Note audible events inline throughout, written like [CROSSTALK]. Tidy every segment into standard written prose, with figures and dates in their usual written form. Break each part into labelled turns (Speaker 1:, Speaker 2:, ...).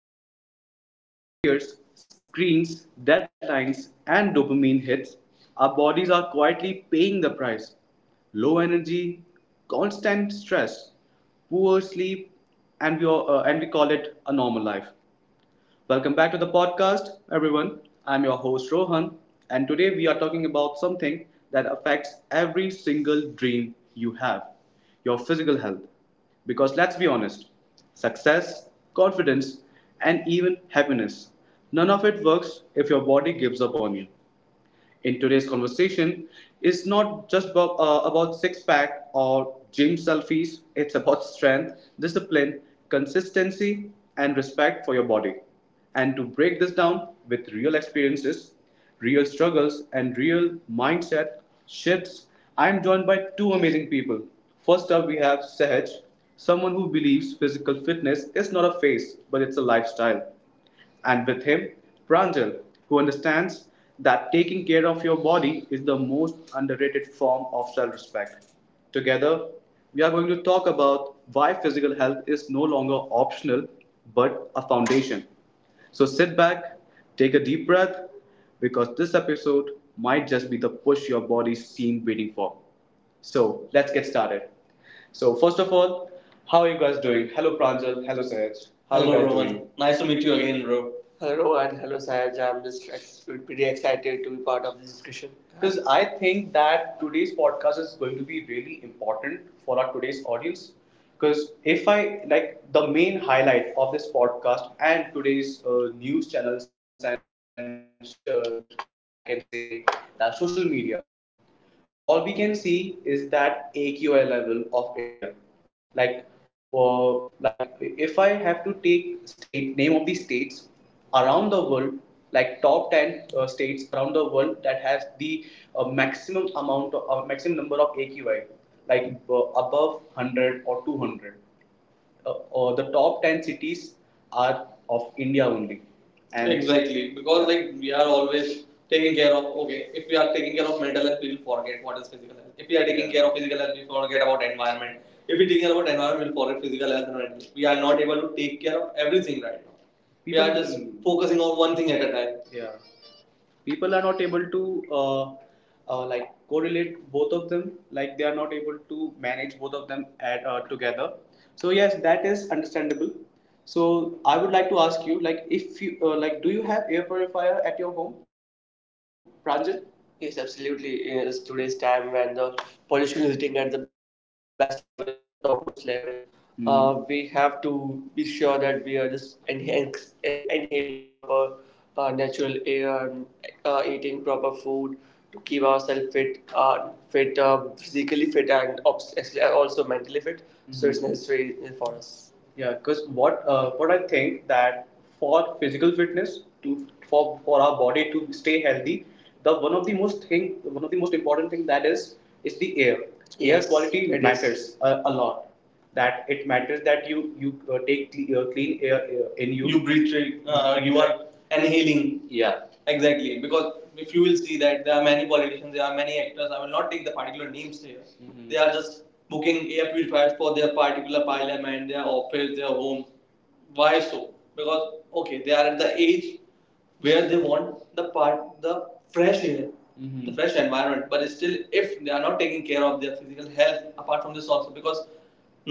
Speaker 1: we are chasing careers, screens, deadlines, and dopamine hits, our bodies are quietly paying the price. Low energy, constant stress, poor sleep, and we are and we call it a normal life. Welcome back to the podcast, everyone. I'm your host, Rohan, and today we are talking about something that affects every single dream you have, your physical health. Because let's be honest, success, confidence, and even happiness, none of it works if your body gives up on you. In today's conversation is not just about six pack or gym selfies, it's about strength, discipline, consistency, and respect for your body. And to break this down with real experiences, real struggles, and real mindset shifts, I'm joined by two amazing people. First up, we have Sahaj, someone who believes physical fitness is not a phase, but it's a lifestyle. And with him, Pranjal, who understands that taking care of your body is the most underrated form of self respect. Together, we are going to talk about why physical health is no longer optional but a foundation. So sit back, take a deep breath, because this episode might just be the push your body's seen waiting for. So let's get started. So first of all, how are you guys doing? Hello Pranjal, hello Sahaj. How— Hello, Rohan. Nice to meet you again, bro. Hello and hello, Sahaj. I'm just pretty excited to be part of this discussion. Because I think that today's podcast is going to be really important for our today's audience. Because if I like the main highlight of this podcast and today's news channels and I can say that social media, all we can see is that AQI level of India. Like like if I have to take state name of the states around the world, like top ten states around the world that has the maximum number of AQI, like above 100 or 200 uh, or the top 10 cities are of India only. And exactly, because like we are always taking care of, okay, if we are taking care of mental health, we will forget what is physical health. If we are taking— Yeah. —care of physical health, we forget about environment. If we are taking care about environment, we'll forget physical health and mental health. We are not able to take care of everything right now. People, we are just focusing on one thing at a time. Yeah, people are not able to uh, like correlate both of them, like they are not able to manage both of them at, together. So yes, that is understandable. So I would like to ask you, like, if you like, do you have air purifier at your home, Pranjit? Yes, absolutely. Yes, today's time when the pollution is hitting at the best level, it's the topmost level. Hmm. We have to be sure that we are just inhaling proper natural air, and, eating proper food to keep ourselves fit, physically fit, and actually also mentally fit. So hmm, it's— Mhm. —necessary for us. Yeah, because what I think that for physical fitness, to— for our body to stay healthy, the one of the most thing one of the most important thing that is the air. Yes, air— Yes, quality it matters —is. A lot. That it matters, that you take clean air in you. You breathe, right? You are inhaling. Yeah, exactly, because if you will see that there are many politicians, there are many actors. I will not take the particular names here. Mhm. They are just booking air purifiers for their particular parliament, their office, their home. Why so? Because okay, they are at the age where they want the fresh air, Mhm. the fresh environment. But still, if they are not taking care of their physical health, apart from this also, because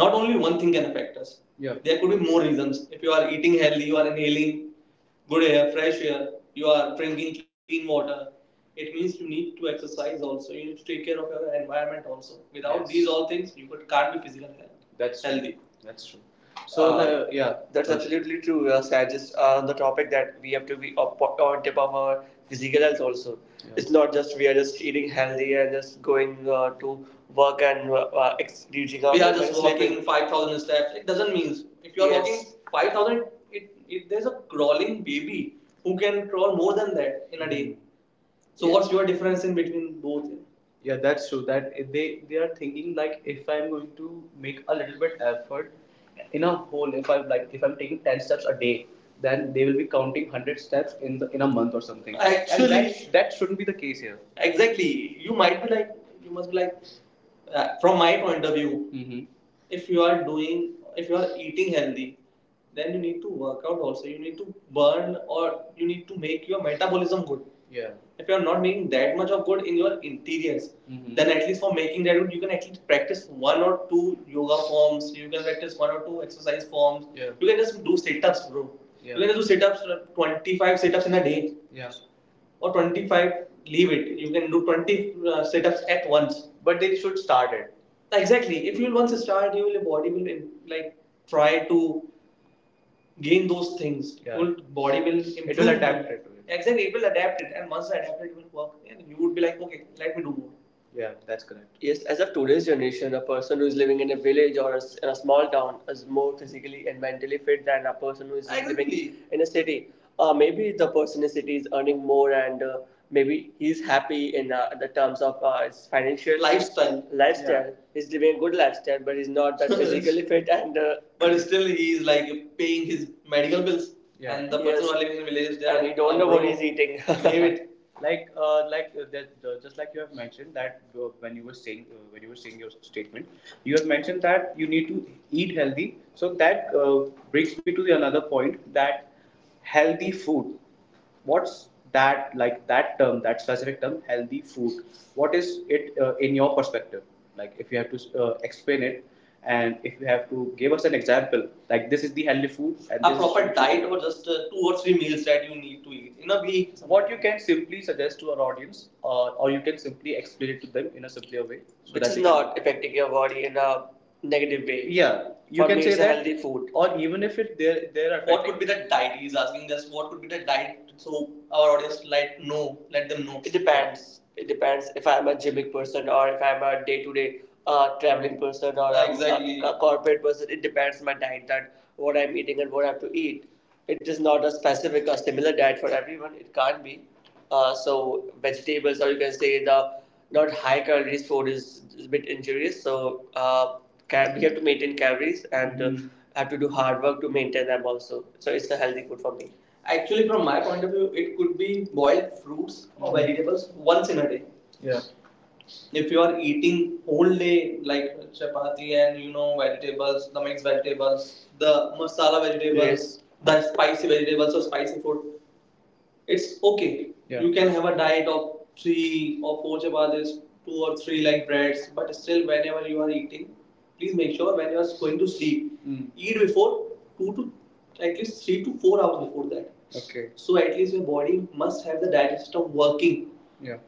Speaker 1: not only one thing can affect us. Yeah. There could be more reasons. If you are eating healthy, you are inhaling good air, fresh air, you are drinking clean water. It means you need to exercise also. You need to take care of your environment also. Without— Yes. —these all things, you can't be physical health. That's— healthy. —True. That's true. So— the— yeah, that's— That's absolutely true, Saj. Just on the topic that we have to be up, on tip of our physical health also. Yeah. It's not just we are just eating healthy and just going to work and reaching out. We are just walking 5,000 steps. It doesn't mean if you are— Yes. —walking 5,000, it there's a crawling baby who can crawl more than that in a day. So— Yeah. —what's your difference in between both? Yeah, that's true, that they they are thinking like if I'm going to make a little bit effort in a whole, if I'm like, if I'm taking 10 steps a day, then they will be counting 100 steps in the, in a month or something. Actually— and that, that shouldn't be the case here. Exactly. You must be like, from my point of view, mm-hmm, if you are doing, if you are eating healthy, then you need to work out also. You need to burn, or you need to make your metabolism good. Yeah. If you are not making that much of good in your interiors, Mhm. then at least for making that good, you can at least practice one or two yoga forms. You can practice one or two exercise forms. Yeah. You can just do sit-ups, bro. Yeah. You can just do sit-ups, 25 sit-ups in a day. Yeah. Or 25, leave it, you can do 20 sit-ups at once. But they should start it. Exactly. If you will once start, you will— your body will like try to gain those things. Yeah. Your body will improve. It will adapt it to it. Exactly, it will adapt it, and once I adapt it, it will work and you would be like, okay, let me do more. Yeah, that's correct. Yes, as of today's generation, a person who is living in a village or a s in a small town is more physically and mentally fit than a person who is— Exactly. —living— agree. —in a city. Maybe the person in the city is earning more and maybe he's happy in the terms of his financial— Lifestyle. —Lifestyle. Yeah. He's living a good lifestyle, but he's not that [LAUGHS] physically fit and. But still, he is like paying his medical bills. Yeah. And the— Yes. —person— Yes. —who are living in village, they— and —are you don't know what— broke. —he's eating. [LAUGHS] Leave it. That, just like you have mentioned that when you were saying— when you were saying your statement, you have mentioned that you need to eat healthy. So that brings me to the another point that healthy food, what's that, like that term, that specific term, healthy food, what is it in your perspective? Like if you have to explain it, and if you have to give us an example, like this is the healthy food, and— A proper diet, or just two or three meals that you need to eat in a week. —what you can simply suggest to our audience, or you can simply explain it to them in a simpler way, so which is not affecting your body in a negative way. Yeah, you— What —can say that healthy food. Or even if it— there are— What could be the diet? He's asking this. —what could be the diet. So our audience, like, know, let them know. It depends. It depends if I'm a gymmic person or if I'm a day to day, uh, traveling person, or— Exactly. —a, a corporate person. It depends on my diet that what I'm eating and what I have to eat. It is not a specific or similar diet for everyone. It can't be. So vegetables, or you can say the not high calories food is a bit injurious. So we have to maintain calories and Mm. have to do hard work to maintain them also. So it's a healthy food for me. Actually, from my point of view, it could be boiled fruits or— Mm. —vegetables once in a day. Yeah. If you are eating whole day like chapati and you know vegetables, the mixed vegetables, the masala vegetables, Yes, the spicy vegetables or spicy food, it's okay. Yeah. You can have a diet of three or four chapatis, two or three like breads, but still, whenever you are eating, please make sure when you are going to sleep, mm, eat before two to at least 3 to 4 hours before that. Okay. So at least your body must have the digestive system working. Yeah.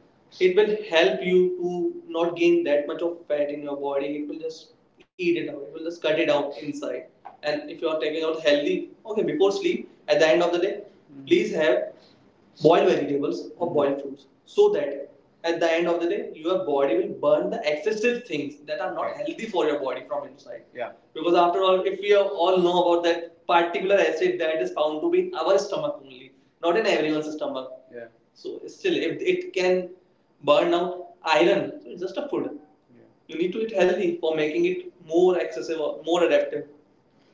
Speaker 1: It will help you to not gain that much of fat in your body. It will just eat it out. It will just cut it out inside. And if you are taking out healthy, okay, before sleep, at the end of the day, mm, please have boil vegetables or boil fruits so that at the end of the day your body will burn the excessive things that are not Right, healthy for your body from inside. Yeah. Because after all, if we all know about that particular acid that is found to be in our stomach only, not in everyone's stomach. Yeah. So still, if it can burn out iron, so it's just a food. Yeah. You need to eat healthy for making it more excessive or more adaptive.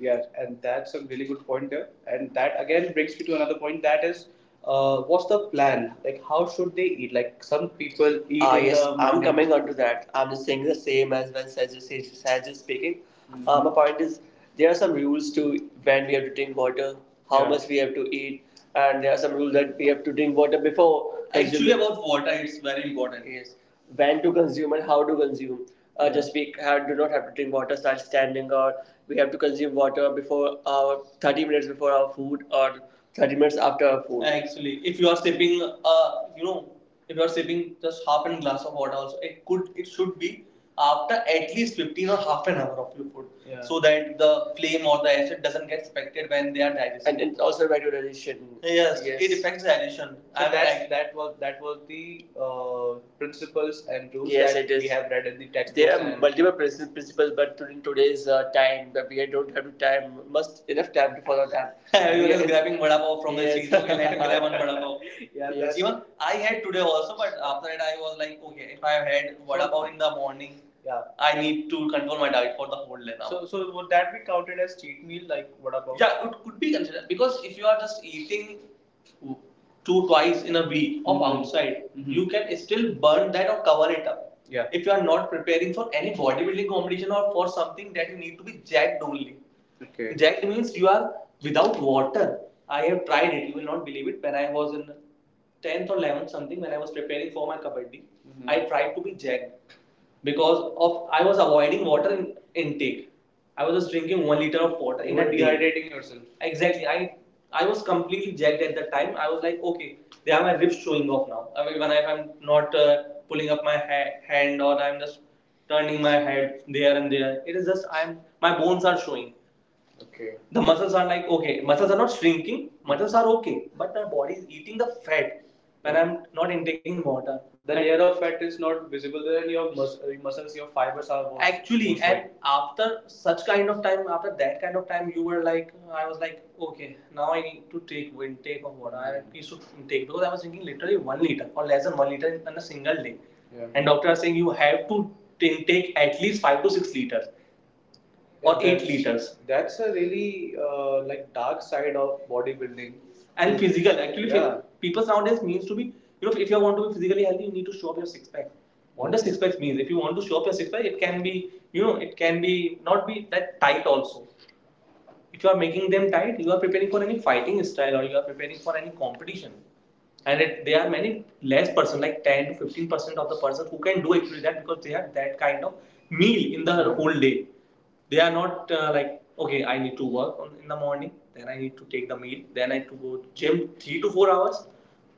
Speaker 1: Yes, and that's a really good point there. And that again brings me to another point that is, what's the plan? Like, how should they eat? Like, some people eat Ah, in yes, the I'm morning. Coming on to that. I'm just saying the same as when Saj is speaking. Mhm. My point is, there are some rules to when we have to drink water, how Yeah, much we have to eat, and there are some rules that we have to drink water before. Actually, consuming. About water, it's very important. Yes. When to consume and how to consume, just we have, do not have to drink water while standing, or we have to consume water before our 30 minutes before our food or 30 minutes after our food. Actually, if you are sipping, if you are sipping just half an glass of water, also it could, it should be after at least 15 or half an hour of your food, yeah, so that the flame or the acid doesn't get affected when they are digested, and it's also by duration. Yes, yes, it affects the addition. So I that was the principles and rules Yes, that we have read in the textbooks. There are multiple principles, but in today's time, we don't have time, must enough time to follow them. [LAUGHS] We is Yes, grabbing vada pav from the Yes, the street. Okay, let me [LAUGHS] grab one vada pav. [LAUGHS] Yeah, yes. Even I had today also, but after that I was like, okay, if I had vada pav in the morning, yeah, I need to control my diet for the whole day now. So would that be counted as cheat meal? Like what about? Yeah, it could be considered because if you are just eating two twice in a week of Mhm, outside, mhm, you can still burn that or cover it up. Yeah. If you are not preparing for any bodybuilding competition or for something that you need to be jacked only. Okay. Jacked means you are without water. I have tried it. You will not believe it. When I was in tenth or 11th something, when I was preparing for my kabaddi, mhm, I tried to be jacked because of I was avoiding water in, intake. I was just drinking 1 liter of water You in were a day. You were dehydrating yourself. Exactly. I was completely jacked at that time. I was like, okay, they are my ribs showing off now. I mean, when I, if I'm not pulling up my hand, or I'm just turning my head there and there, it is just I'm my bones are showing. Okay. The muscles are like okay, muscles are not shrinking, muscles are okay, but my body is eating the fat when I'm not intaking water. The layer of fat is not visible. Then your muscles, your fibers are actually, and after such kind of time, after that kind of time, you were like, I was like, okay, now I need to take intake of water. I need to intake because I was drinking literally 1 liter or less than 1 liter in a single day. Yeah. And doctor are saying you have to take at least 5 to 6 liters or yeah, 8 liters. That's a really like dark side of bodybuilding and physical. Actually yeah, people nowadays means to be, you know, if you want to be physically healthy, you need to show up your six pack. What does six pack means? If you want to show up your six pack, it can be, you know, it can be not be that tight also. If you are making them tight, you are preparing for any fighting style, or you are preparing for any competition. And it, there are many less person, like 10 to 15% of the person who can do actually that, because they have that kind of meal in the whole day. They are not like okay, I need to work on, in the morning, then I need to take the meal, then I need to go to gym 3 to 4 hours.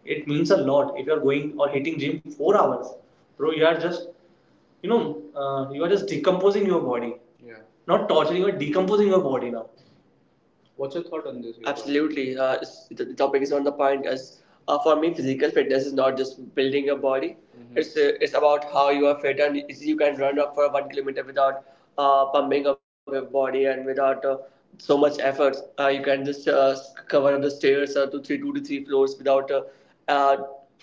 Speaker 1: It means a lot if you are going or hitting gym 4 hours, bro. You are just, you know, you are just decomposing your body, yeah, not torturing or decomposing your body now. What's your thought on this? Absolutely. The topic is on the point. As for me, physical fitness is not just building your body. Mm-hmm. It's about how you are fit and you can run up for 1 kilometer without pumping up your body and without so much effort. You can just cover up the stairs to three, two to three floors without uh,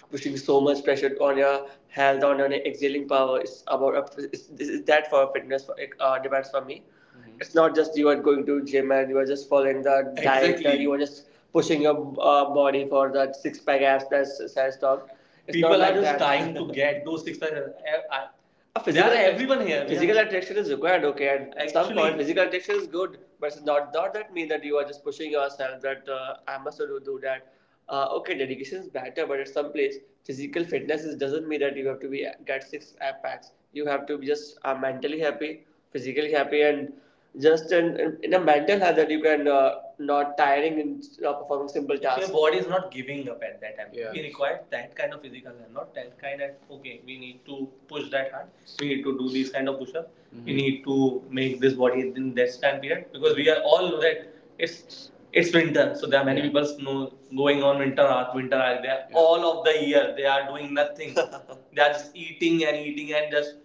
Speaker 1: pushing so much pressure on your health, on your exhaling power. It's about up it's, that for fitness for, demands for me. Mm-hmm. It's not just you are going to gym and you are just following the exactly, diet. Exactly. And you are just pushing your body for that six pack abs that's size dog. People are like just trying [LAUGHS] to get those six pack. [LAUGHS] I, I, a physical, yeah, everyone here, physical yeah, attraction is required, okay. At actually, some point, physical attraction is good, but it's not, not that mean that you are just pushing yourself that I must do, that. Okay, dedication is better, but at some place, physical fitness is, doesn't mean that you have to be get six abs packs. You have to be just mentally happy, physically happy, and just in, a mental health that you can not tiring and performing simple tasks. Your body is not giving up at that time. Yeah. We require that kind of physical health, not that kind of okay, we need to push that hard, we need to do these kind of push up, we need to make this body in this time period because we are all know that it's winter, so there are many Yeah, people know going on winter art, winter art. They are Yeah, all of the year they are doing nothing. [LAUGHS] They are just eating and eating and just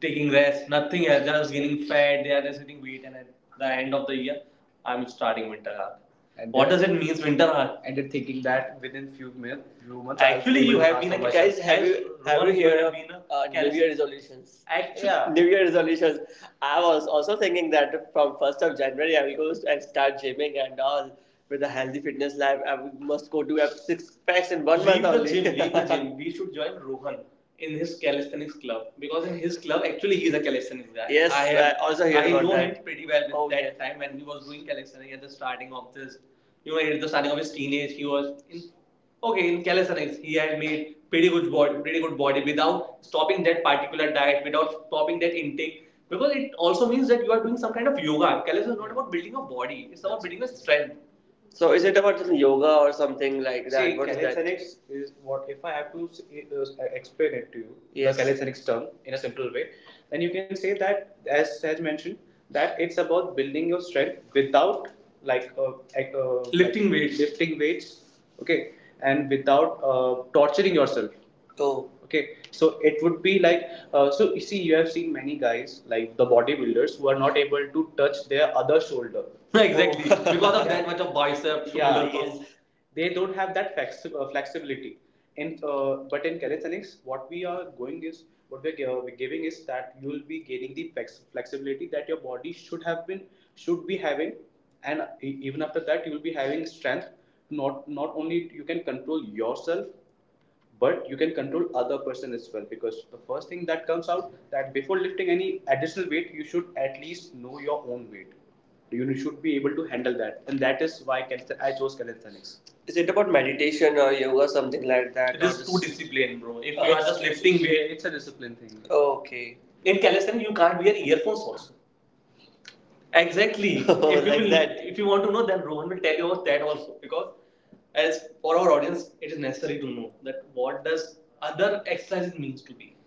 Speaker 1: taking rest, nothing else, just getting fat. They are just getting weight, and at the end of the year, I'm starting winter hard. And what does it mean, winter hard? And they're thinking that within few minutes, few months. Actually, you have been a Guys, have you Rohan, have you heard have of been New Year resolutions? Actually, yeah, New Year resolutions. I was also thinking that from 1st of January I will go and start gymming and all with a healthy fitness life. I must go to have six packs in one leave month only. Gym. [LAUGHS] Leave the gym. [LAUGHS] We should join Rohan in his calisthenics club because in his club actually he is a calisthenics guy. Yes, I, have, I also heard I about know that him pretty well. With Oh, that yes, time when he was doing calisthenics at the starting of this, you know, at the starting of his teenage, he was in okay in calisthenics. He had made pretty good body without stopping that particular diet, without stopping that intake. Because it also means that you are doing some kind of yoga. Calisthenics is not about building a body; it's about building a strength. So is it about just yoga or something like that? See, what calisthenics is, calisthenics is what if I have to explain it to you, yes, the calisthenics term in a simple way, then you can say that, as Saj mentioned, that it's about building your strength without like eh, Lifting like weights. Lifting weights, okay, and without torturing yourself. Oh, okay, so it would be like, so you see, you have seen many guys like the bodybuilders who are not able to touch their other shoulder, [LAUGHS] exactly, [LAUGHS] because of, yeah, that much of bicep. Yeah. Yes. They don't have that flexibility in, but in calisthenics what we are going is what we're giving is that you will be gaining the flexibility that your body should have been should be having, and even after that you will be having strength. Not only you can control yourself, but you can control other person as well, because the first thing that comes out: that before lifting any additional weight, you should at least know your own weight. You should be able to handle that, and that is why I chose calisthenics. Is it about meditation or yoga, something like that? It is too discipline, bro. If you are just lifting weight, it's a discipline thing. Oh, okay. In calisthenics you can't wear earphones also. Exactly. [LAUGHS] oh, if, you Like will- that. If you want to know, then Rohan will tell you about that also. Because as for our audience, it is necessary to know that what does other exercises means to be.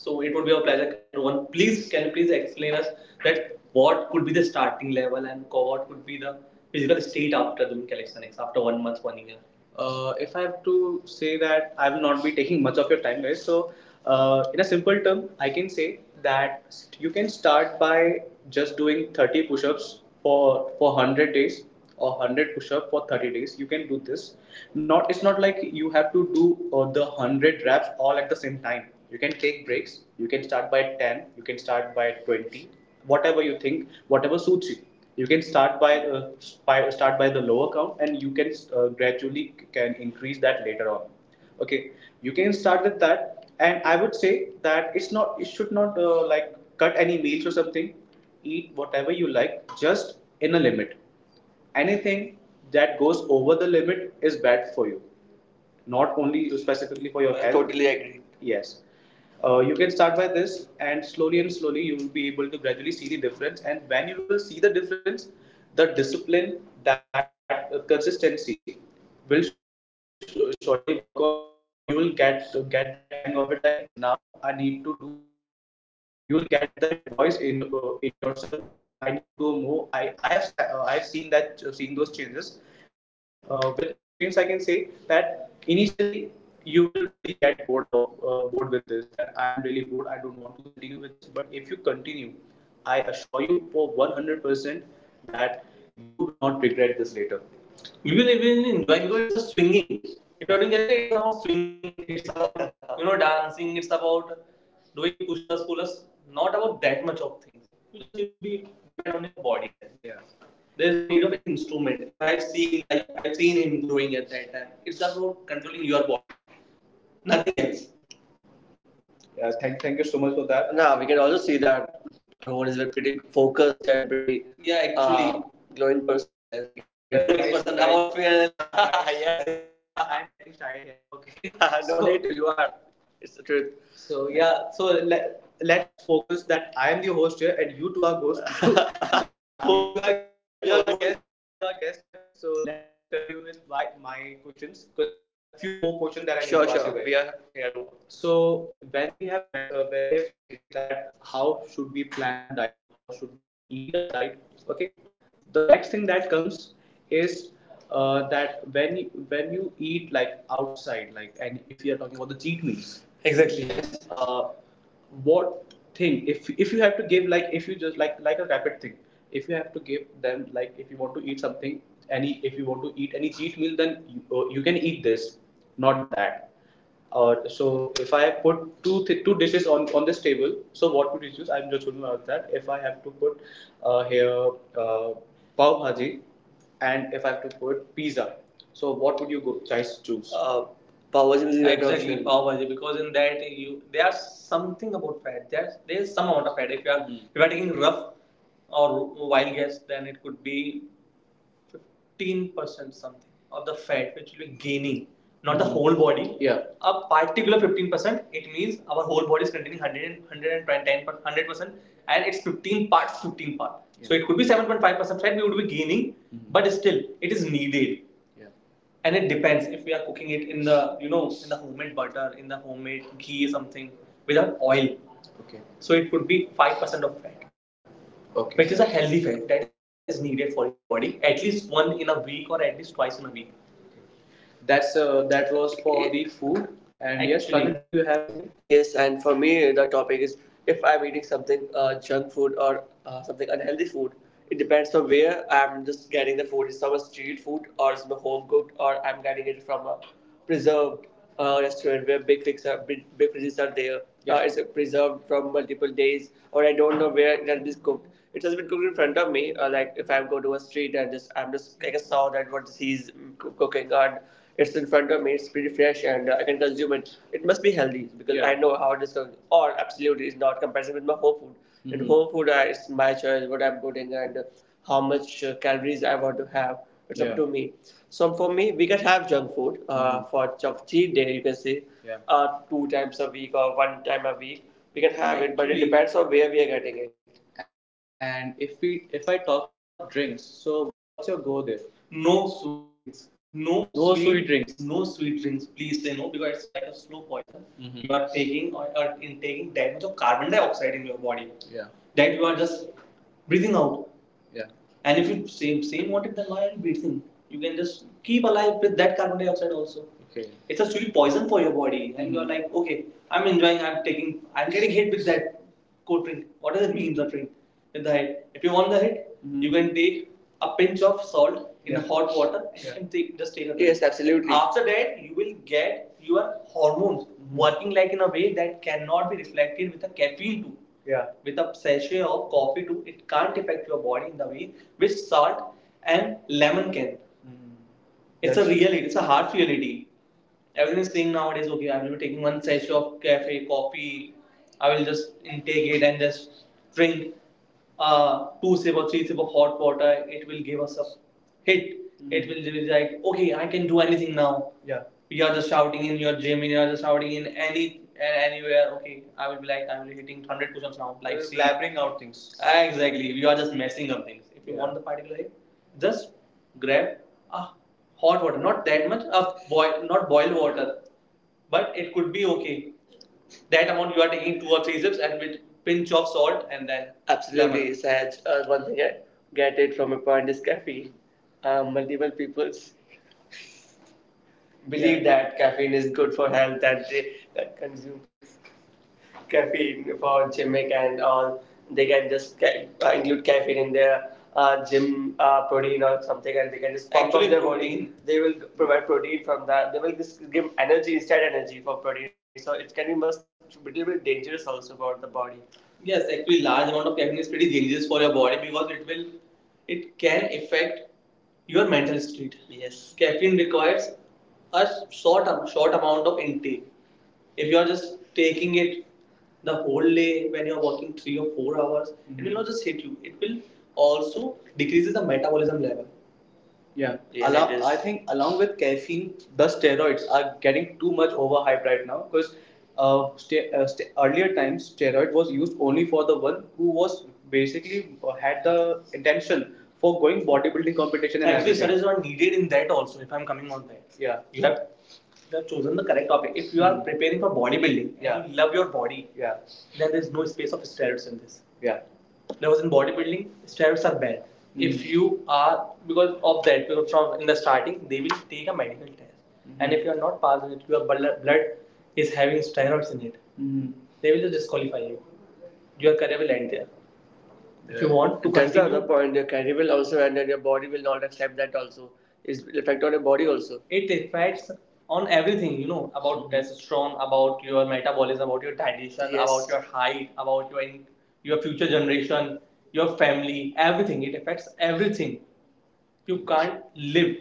Speaker 1: So it would be our pleasure, Rohan. Please, can you please explain us that what could be the starting level and what could be the physical state after doing calisthenics after 1 month, 1 year? If I have to say that, I will not be taking much of your time, guys. So, in a simple term, I can say that you can start by just doing 30 push-ups for 100 days, or 100 push-up for 30 days. You can do this. Not it's not like you have to do the 100 reps all at the same time. You can take breaks. You can start by 10. You can start by 20. Whatever you think, whatever suits you, you can start by the lower count, and you can gradually can increase that later on. Okay, you can start with that. And I would say that it's not, it should not, like, cut any meals or something. Eat whatever you like, just in a limit. Anything that goes over the limit is bad for you, not only specifically for your health. Totally agree. Yes, you can start by this, and slowly, you will be able to gradually see the difference. And when you will see the difference, the discipline, that consistency, will surely work on you, and you will get that hang of it. Like, now I need to do more. You'll get that voice in, in yourself, that I need to do more. I have, I have seen that, seen those changes, and I, with my experience I can say that initially you will really get bored of, bored with this. That I am really bored. I don't want to continue with this. But if you continue, I assure you for 100% that you will not regret this later. You will even enjoy, because it's just swinging. If you're doing anything, it's about swinging. It's about, you know, dancing. It's about doing push-ups, pull-ups. Not about that much of things. You just need to be depend on your body then. Yeah. There is no need of any instrument. If I have seen, like, I've seen him growing at that time, it's just about controlling your body, nothing else. Yes, thank you so much for that. Now we can also see that Rohan is a pretty focused and pretty, yeah, actually, uh, glowing person, as we can see. Well, see that well, glowing guys, person guys. About film. [LAUGHS] yes, is it? [LAUGHS] I, I'm getting shy here. Okay. [LAUGHS] no, need to. You are. It's the truth. So yeah, so let's focus that I am the host here and you two are ghosts. [LAUGHS] so host, you are guest, you two are ghosts. Guest, you two are guest here. So let me just continue with my questions, because I have few more questions that I need, sure, to ask you, sure, you guys. We are here to work. So when we have met, when we have completed that, how should we plan our diet? How should we eat our diet? Okay, the next thing that comes is that when you eat like outside, like, and if you are talking about the cheat meals, exactly, then yes, what thing, if you have to give, like, if you just like a rapid thing, if you have to give them, like, if you want to eat something, any, if you want to eat any cheat meal, then you, you can eat this not that. So if I put two dishes on this table, so what would you choose? I'm just going to ask that. If I have to put here uh, pav bhaji, and if I have to put pizza, so what would you go, guys, choose? Pav bhaji is right. Exactly, pav bhaji. Because in that, you, there are something about fat. There's some amount of fat. If you are, mm, if you are taking rough or wild guess, then it could be 15% something of the fat which will be gaining, not, mm-hmm, the whole body. Yeah. A particular 15%, it means our whole body is containing 100 110 percent and it's 15 parts, 15 part. So it could be 7.5% fat we would be gaining, mm-hmm, but still it is needed. Yeah. And it depends, if we are cooking it in the, you know, in the homemade butter, in the homemade ghee, something without oil, okay, so it could be 5% of fat, okay, which is a healthy fat that is needed for your body, at least one in a week or at least twice in a week. That's, that was for the food. And yes, Actually- yes, Praveen, do you have anything? Yes, and for me, the topic is, if I'm eating something junk food or something unhealthy food, it depends on where I'm just getting the food. It's from a street food, or it's from a home cooked, or I'm getting it from a preserved restaurant where big figs are big, big fishes are there. Yeah. It's preserved from multiple days, or I don't know where it has been cooked. It has been cooked in front of me. Like, if I go to a street and just, I'm just like, I saw that what he's, mm, cooking and it's in front of me. It's pretty fresh, and I can consume it. It must be healthy, because, yeah, I know how it is cooked. Or absolutely, it's not comparison with my home food. In, mhm, home food, I, it's my choice what I'm putting, and how much calories I want to have, it's, yeah, up to me. So for me, we can have junk food, mm, for cheat day. You can say, yeah, two times a week or one time a week. We can have it, but it depends on where we are getting it. And if we, if I talk about drinks, so what's your go there? No sweet drinks. No. No sweet drinks. Please say no, because it's like a slow poison. Mhm. You are taking, or in taking that much of carbon dioxide in your body, yeah, that you are just breathing out. Yeah. And if you same same wanted, then why are you breathing? You can just keep alive with that carbon dioxide also. Okay. It's a sweet poison for your body, and, mm, you're like, okay, I'm enjoying, I'm taking, I'm getting hit with that cold drink. What does it mean, the drink? With the head. If you want the hit, mhm, you can take a pinch of salt in, yeah, hot water, and, yeah, you, yeah, can take, just take a drink. Yes, absolutely. After that, you will get your hormones, mm, working like in a way that cannot be reflected with a caffeine too. Yeah. With a sachet of coffee too, it can't affect your body in the way which salt and lemon can. Mm. It's, That's- a reality. It's a harsh reality. Everyone is saying nowadays, okay, I will be taking one sachet of cafe coffee. I will just intake it and just drink two sip or three sip of hot water. It will give us a hit. Mm. It will be like, okay, I can do anything now. Yeah. You are just shouting in your gym, you are just shouting in anywhere. Okay, I will be like, I will be hitting 100 push-ups now. Like, you blabbering out things. Exactly. You are just messing up things. If you, yeah, want the particular hit, just grab. Ah, hot water, not that much of boil, not boiled water, but it could be okay. That amount you are taking two or three sips and with pinch of salt and then, absolutely, Saj. One thing I get it from a point is caffeine. Multiple people believe, yeah, that caffeine is good for health that they that consume. Caffeine for gym and all. They can just include caffeine in their gym protein or something, and they can just pump, actually, up their protein. Body. They will provide protein from that. They will just give energy, instant energy for protein. So it can be much little bit dangerous also for the body. Yes, actually, large amount of caffeine is pretty dangerous for your body because it can affect your mental state. Yes. Caffeine requires a short amount of intake if you are just taking it the whole day when you're working 3 or 4 hours, mm-hmm, it will, mhm, not just hit you. It will also decreases the metabolism level. Yeah. Yes. Along, I think along with caffeine, the steroids are getting too much overhyped right now because earlier times steroid was used only for the one who was basically had the intention for going bodybuilding competition and, actually, everything. Studies are needed in that also. If I'm coming on that, yeah, you have chosen the correct topic. If you are preparing for bodybuilding, yeah, you love your body, yeah, then there is no space of steroids in this. Yeah. Because in bodybuilding, steroids are bad. Mm. If you are because of that, because from in the starting they will take a medical test, Mm -hmm. and if you are not passing it, your blood is having steroids in it, they will just disqualify you. Your career will end there. If you want to, that's continue, the other point. Your career will also end, and your body will not accept that. Also, it's effect on your body also. It affects on everything, you know, about testosterone, about your metabolism, about your digestion. Yes. About your height, about your future generation, your family, everything. It affects everything. You can't live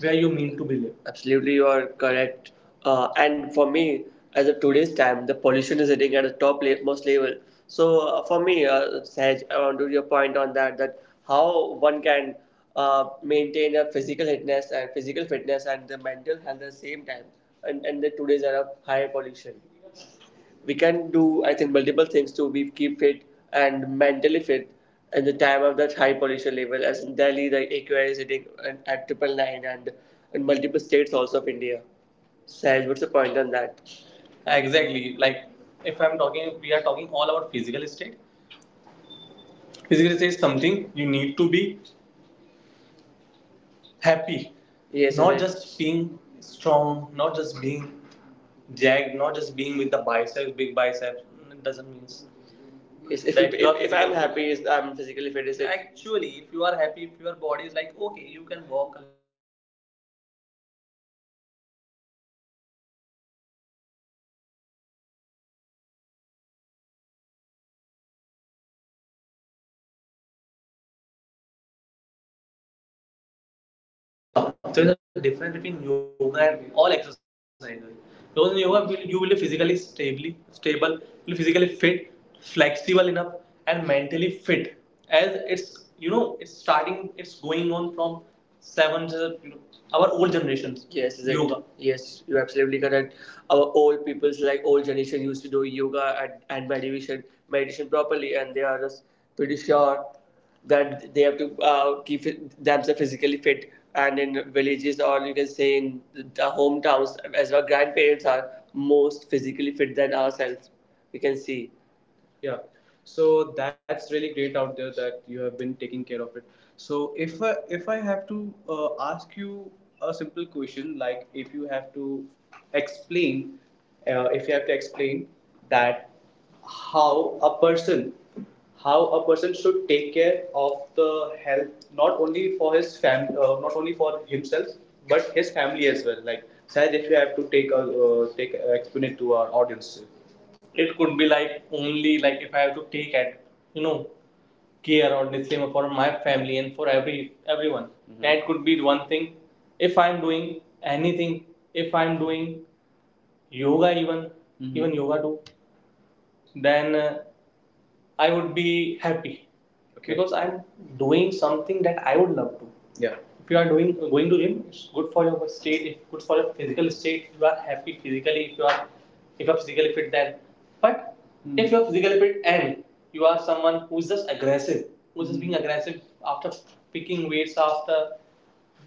Speaker 1: where you mean to be live. Absolutely, you are correct. And for me, as of today's time, the pollution is hitting at the most level. So for me, Sahaj, I want to your point on that, that how one can maintain a physical fitness and the mental health at the same time, and the today's era of higher pollution. We can do, I think, multiple things to be keep fit and mentally fit at the time of that high pollution level. As in Delhi, the AQI is hitting at triple nine and in multiple states also of India. Saj, what's the point on that? Exactly. Like if I'm talking, we are talking all about physical state. Physical state is something you need to be happy. Yes, Not right. just being strong, not just being jagged, not just being with big biceps. It doesn't mean, It's, if, That it- if I'm happy, I'm physically fit. Is it? Actually, if you are happy, if your body is like, okay, you can walk a
Speaker 2: There is a difference between yoga and all exercises. Because in yoga, you will be physically stable, you will be physically fit, flexible enough, and mentally fit. As it's starting, it's going on from seven to our old generations. Yes, exact. Yoga. Yes, you're absolutely correct. Our old people's like old generation used to do yoga and meditation properly, and they are just pretty sure that they have to keep themselves physically fit, and in villages or you can say in the hometowns, as our grandparents are most physically fit than ourselves, we can see. Yeah. So that's really great out there that you have been taking care of it. So if I have to ask you a simple question, like if you have to explain, if you have to explain that how a person should take care of the health, not only for not only for himself, but his family as well. Like, Saj, if you have to take a take explain it to our audience. It could be like only, like if I have to take at you know care or disclaimer for my family and for everyone. Mm-hmm. That could be one thing. If I'm doing anything, if I'm doing yoga, even, mm-hmm, even yoga too, then I would be happy. Okay. Because I'm doing something that I would love to. Yeah. If you are doing going to gym, it's good for your state. It's good for your physical state, if you are happy physically. If you are physically fit, then. But Hmm. if you are physically fit and you are someone who is just aggressive, who's just being aggressive after after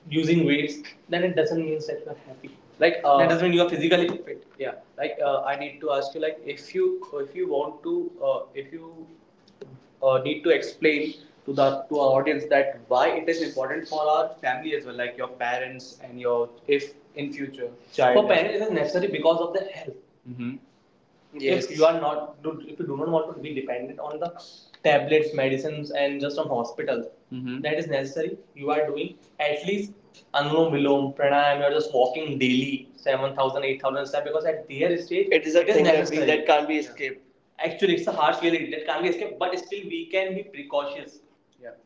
Speaker 2: using weights, then it doesn't mean that you are happy. Like that doesn't mean you are physically fit. Yeah, like I need to ask you, like if you want to if you need to explain to the to our audience that why it is important for our family as well, like your parents and your, if in future, child. For parents, it is necessary because of the health. Hmm. Yes. If you are not, if you do not want to be dependent on the tablets, medicines, and just on hospitals, mhm, that is necessary. You are doing at least anulom vilom pranayam. You are just walking daily, 7,000, 8,000 steps because at their stage, it is a it thing that, necessary. That can't be escaped. Yeah. Actually, it's a harsh reality that can't be escaped, but still we can be precautious. Yeah.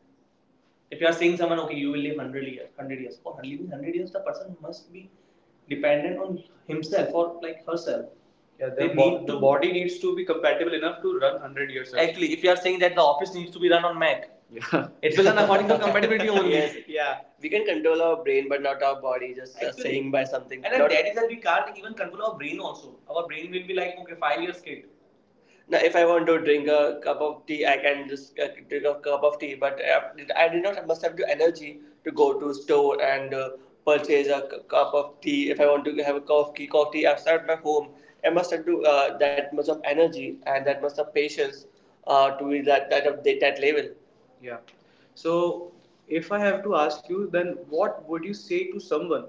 Speaker 2: If you are saying someone, okay, you will live 100 years, 100 years, for living 100 years, the person must be dependent on himself or like herself. Yeah, the body needs to be compatible enough to run 100 years. Actually, if you are saying that the office needs to be run on Mac, it will run according [LAUGHS] to compatibility only. [LAUGHS] Yes. Yeah. We can control our brain, but not our body. Just saying by something. And then that is that we can't even control our brain also. Our brain will be like, okay, 5 years kid. Now, if I want to drink a cup of tea, I can just drink a cup of tea. But I did not must have the energy to go to store and purchase a cup of tea. If I want to have a cup of tea outside my home, I must have to that much of energy and that much of patience to be that of that level. Yeah. So, if I have to ask you, then what would you say to someone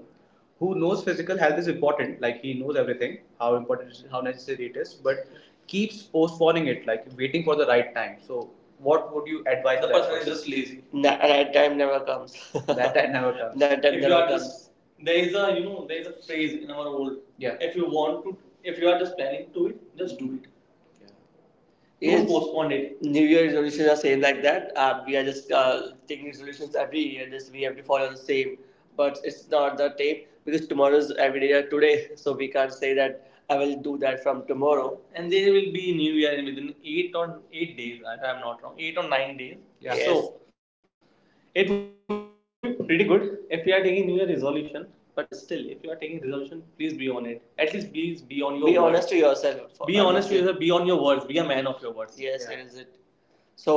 Speaker 2: who knows physical health is important, like he knows everything, how important it is, how necessary it is, but keeps postponing it, like waiting for the right time. So, what would you advise? The that person is just lazy. Right time never comes. [LAUGHS] That time never comes. [LAUGHS] That time, if you never are comes. Just There is a phrase in our world. Yeah. If if you are just planning to it, just do it. Yeah. Yes. Don't postpone it. New Year resolutions are same like that. We are just taking resolutions every year. Just we have to follow the same, but it's not the same because tomorrow's every day are today. [LAUGHS] So we can't say that I will do that from tomorrow. And there will be New Year within 8 or 8 days, if I'm not wrong, 8 or 9 days. Yeah. Yes. So it would be pretty good if you are taking New Year resolution. But still, if you are taking resolution, please be on it. At least please be on your be word, honest to yourself. Be honest to yourself. Be on your words. Be a man of your words. Yes. Yeah. That is it. So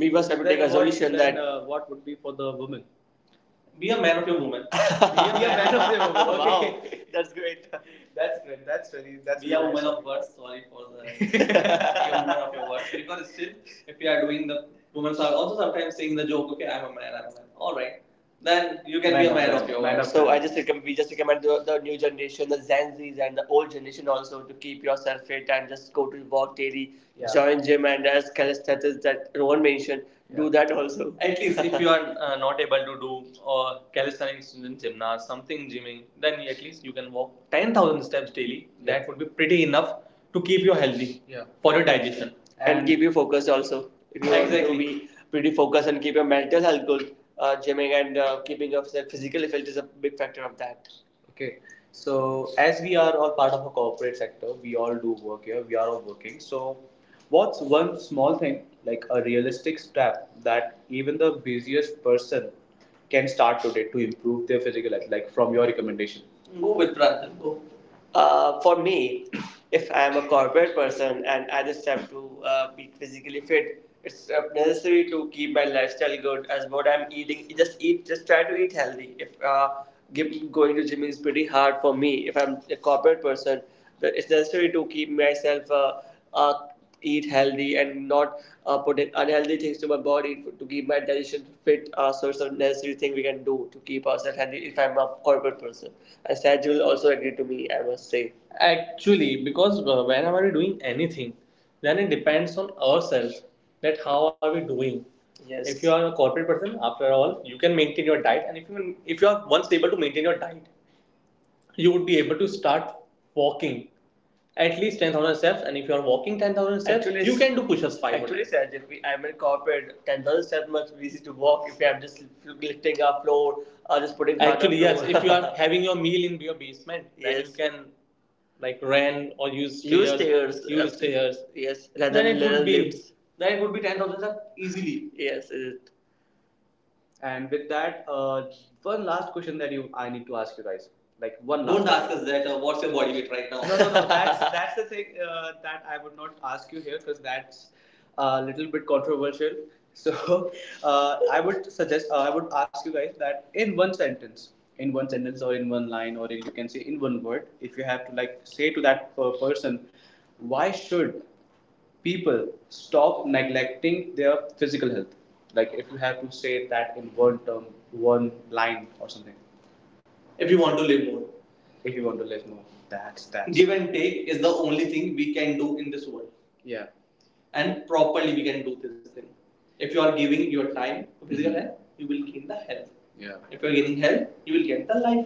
Speaker 2: we must have to take a then solution that what would be for the woman. Be a man of your woman. [LAUGHS] Be a man of your woman. [LAUGHS] Okay. Wow. Okay. That's great. That's really, that's be a really woman nice. Of words. Sorry for the. [LAUGHS] Be a of your word. Because still, if you are doing, the women are also sometimes saying the joke, okay, I'm a man, I'm a man. All right, then you can man be a man of your man. So we just recommend the new generation, the Gen Zs and the old generation also, to keep yourself fit and just go to walk daily. Yeah. Join gym and as calisthenics that Rohan mentioned, yeah, do that also. At least [LAUGHS] if you are not able to do calisthenics, in gymnast, something gymming, then at least you can walk 10,000 steps daily. Yeah. That would be pretty enough to keep you healthy. Yeah. For your digestion and keep you focused also. If you, exactly, want, exactly, to be pretty focused and keep your mental health good, gymming and keeping yourself physically fit is a big factor of that. Okay. So as we are all part of a corporate sector, we all do work here. We are all working. So what's one small thing, like a realistic step that even the busiest person can start today to improve their physical health, like from your recommendation? Go with Pranjal. Go. For me, if I am a corporate person and I just have to be physically fit, it's necessary to keep my lifestyle good as what I'm eating. Just try to eat healthy. If going to gym is pretty hard for me, if I'm a corporate person, that it's necessary to keep myself uh, eat healthy and not put in unhealthy things to my body to keep my digestion fit. So it's a necessary thing we can do to keep ourselves healthy if I'm a corporate person. And Saj will also agree to me, I must say. Actually, because whenever we're doing anything, then it depends on ourselves that how are we doing. Yes. If you are a corporate person, after all, you can maintain your diet, and if you are once able to maintain your diet, you would be able to start walking at least 10,000 steps. And if you are walking 10,000 steps, actually, you can do push ups five. Actually, Saj, if I'm in corporate, 10,000 steps must be easy to walk if you am just lifting a floor or just putting. Actually, yes. [LAUGHS] If you are [LAUGHS] having your meal in your basement, yes, then you, yes, can like run or use stairs. Use stairs. Use stairs, yes, rather then it would be lifts, then it would be 10,000 steps easily. Yes, it. And with that, one last question that you, I need to ask you guys. Like one last. Don't ask. No, no, no. That's [LAUGHS] that's the thing that I would not ask you here because that's a little bit controversial. So [LAUGHS] I would suggest, I would ask you guys that in one sentence or in one line or in, you can say, in one word, if you have to like say to that person, why should people stop neglecting their physical health? Like if you have to say that in one term, one line or something, if you want to live more. If you want to live more. That's that. Give and take is the only thing we can do in this world. Yeah. And properly we can do this thing. If you are giving your time to physical, mm-hmm, health, you will gain the health. Yeah. If you are gaining health, you will get the life.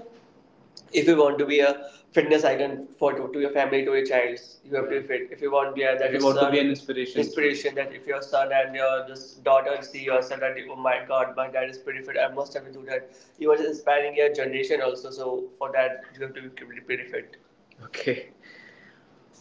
Speaker 2: If you want to be a fitness icon for, to your family, to your child, you have to be fit. If you want, yeah, that if you your want son to be an inspiration, inspiration, that if your son and your this daughter see yourself that oh my god, my dad is pretty fit, I must have to do that, you are inspiring your generation also. So for that you have to be pretty fit. Okay.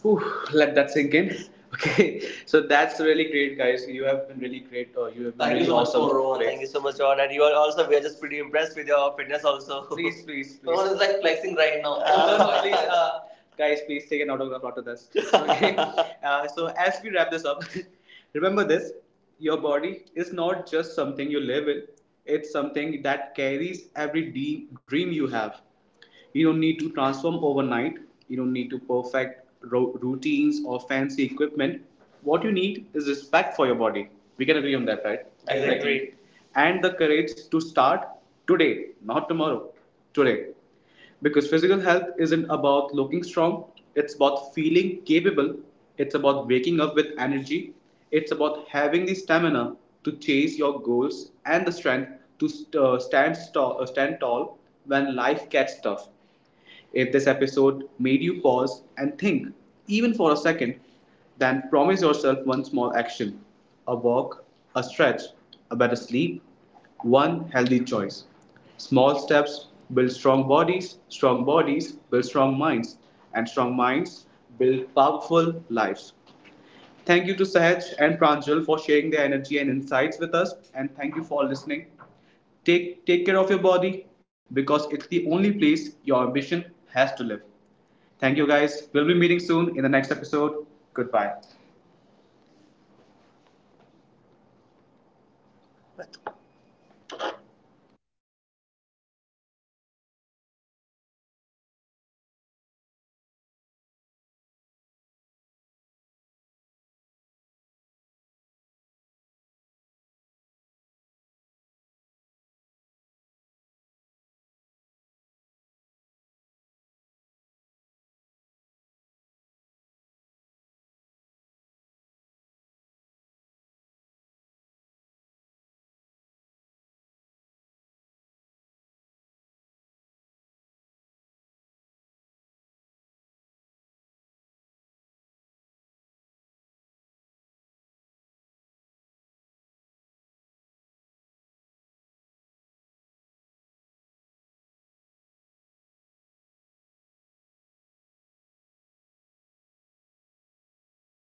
Speaker 2: Whew, let that sink in. [LAUGHS] Okay, so that's really great, guys. You have been really great. Or you have been, thank really you really so much, awesome, for Rohan. Thank you so much, Rohan. And you are also, we are just pretty impressed with your fitness also. [LAUGHS] Please, please, please. Rohan is like flexing right now. [LAUGHS] No, no, please, guys, please take an autograph after this. [LAUGHS] Okay. So as we wrap this up, [LAUGHS] remember this: your body is not just something you live in; it's something that carries every dream you have. You don't need to transform overnight. You don't need to perfect routines or fancy equipment. What you need is respect for your body. We can agree on that, right? I agree. And the courage to start today, not tomorrow. Today. Because physical health isn't about looking strong, it's about feeling capable, it's about waking up with energy, it's about having the stamina to chase your goals and the strength to stand tall when life gets tough. If this episode made you pause and think, even for a second, then promise yourself one small action: a walk, a stretch, a better sleep, one healthy choice. Small steps build strong bodies build strong minds, and strong minds build powerful lives. Thank you to Sahaj and Pranjal for sharing their energy and insights with us, and thank you for listening. Take care of your body because it's the only place your ambition has to live. Thank you, guys. We'll be meeting soon in the next episode. Goodbye.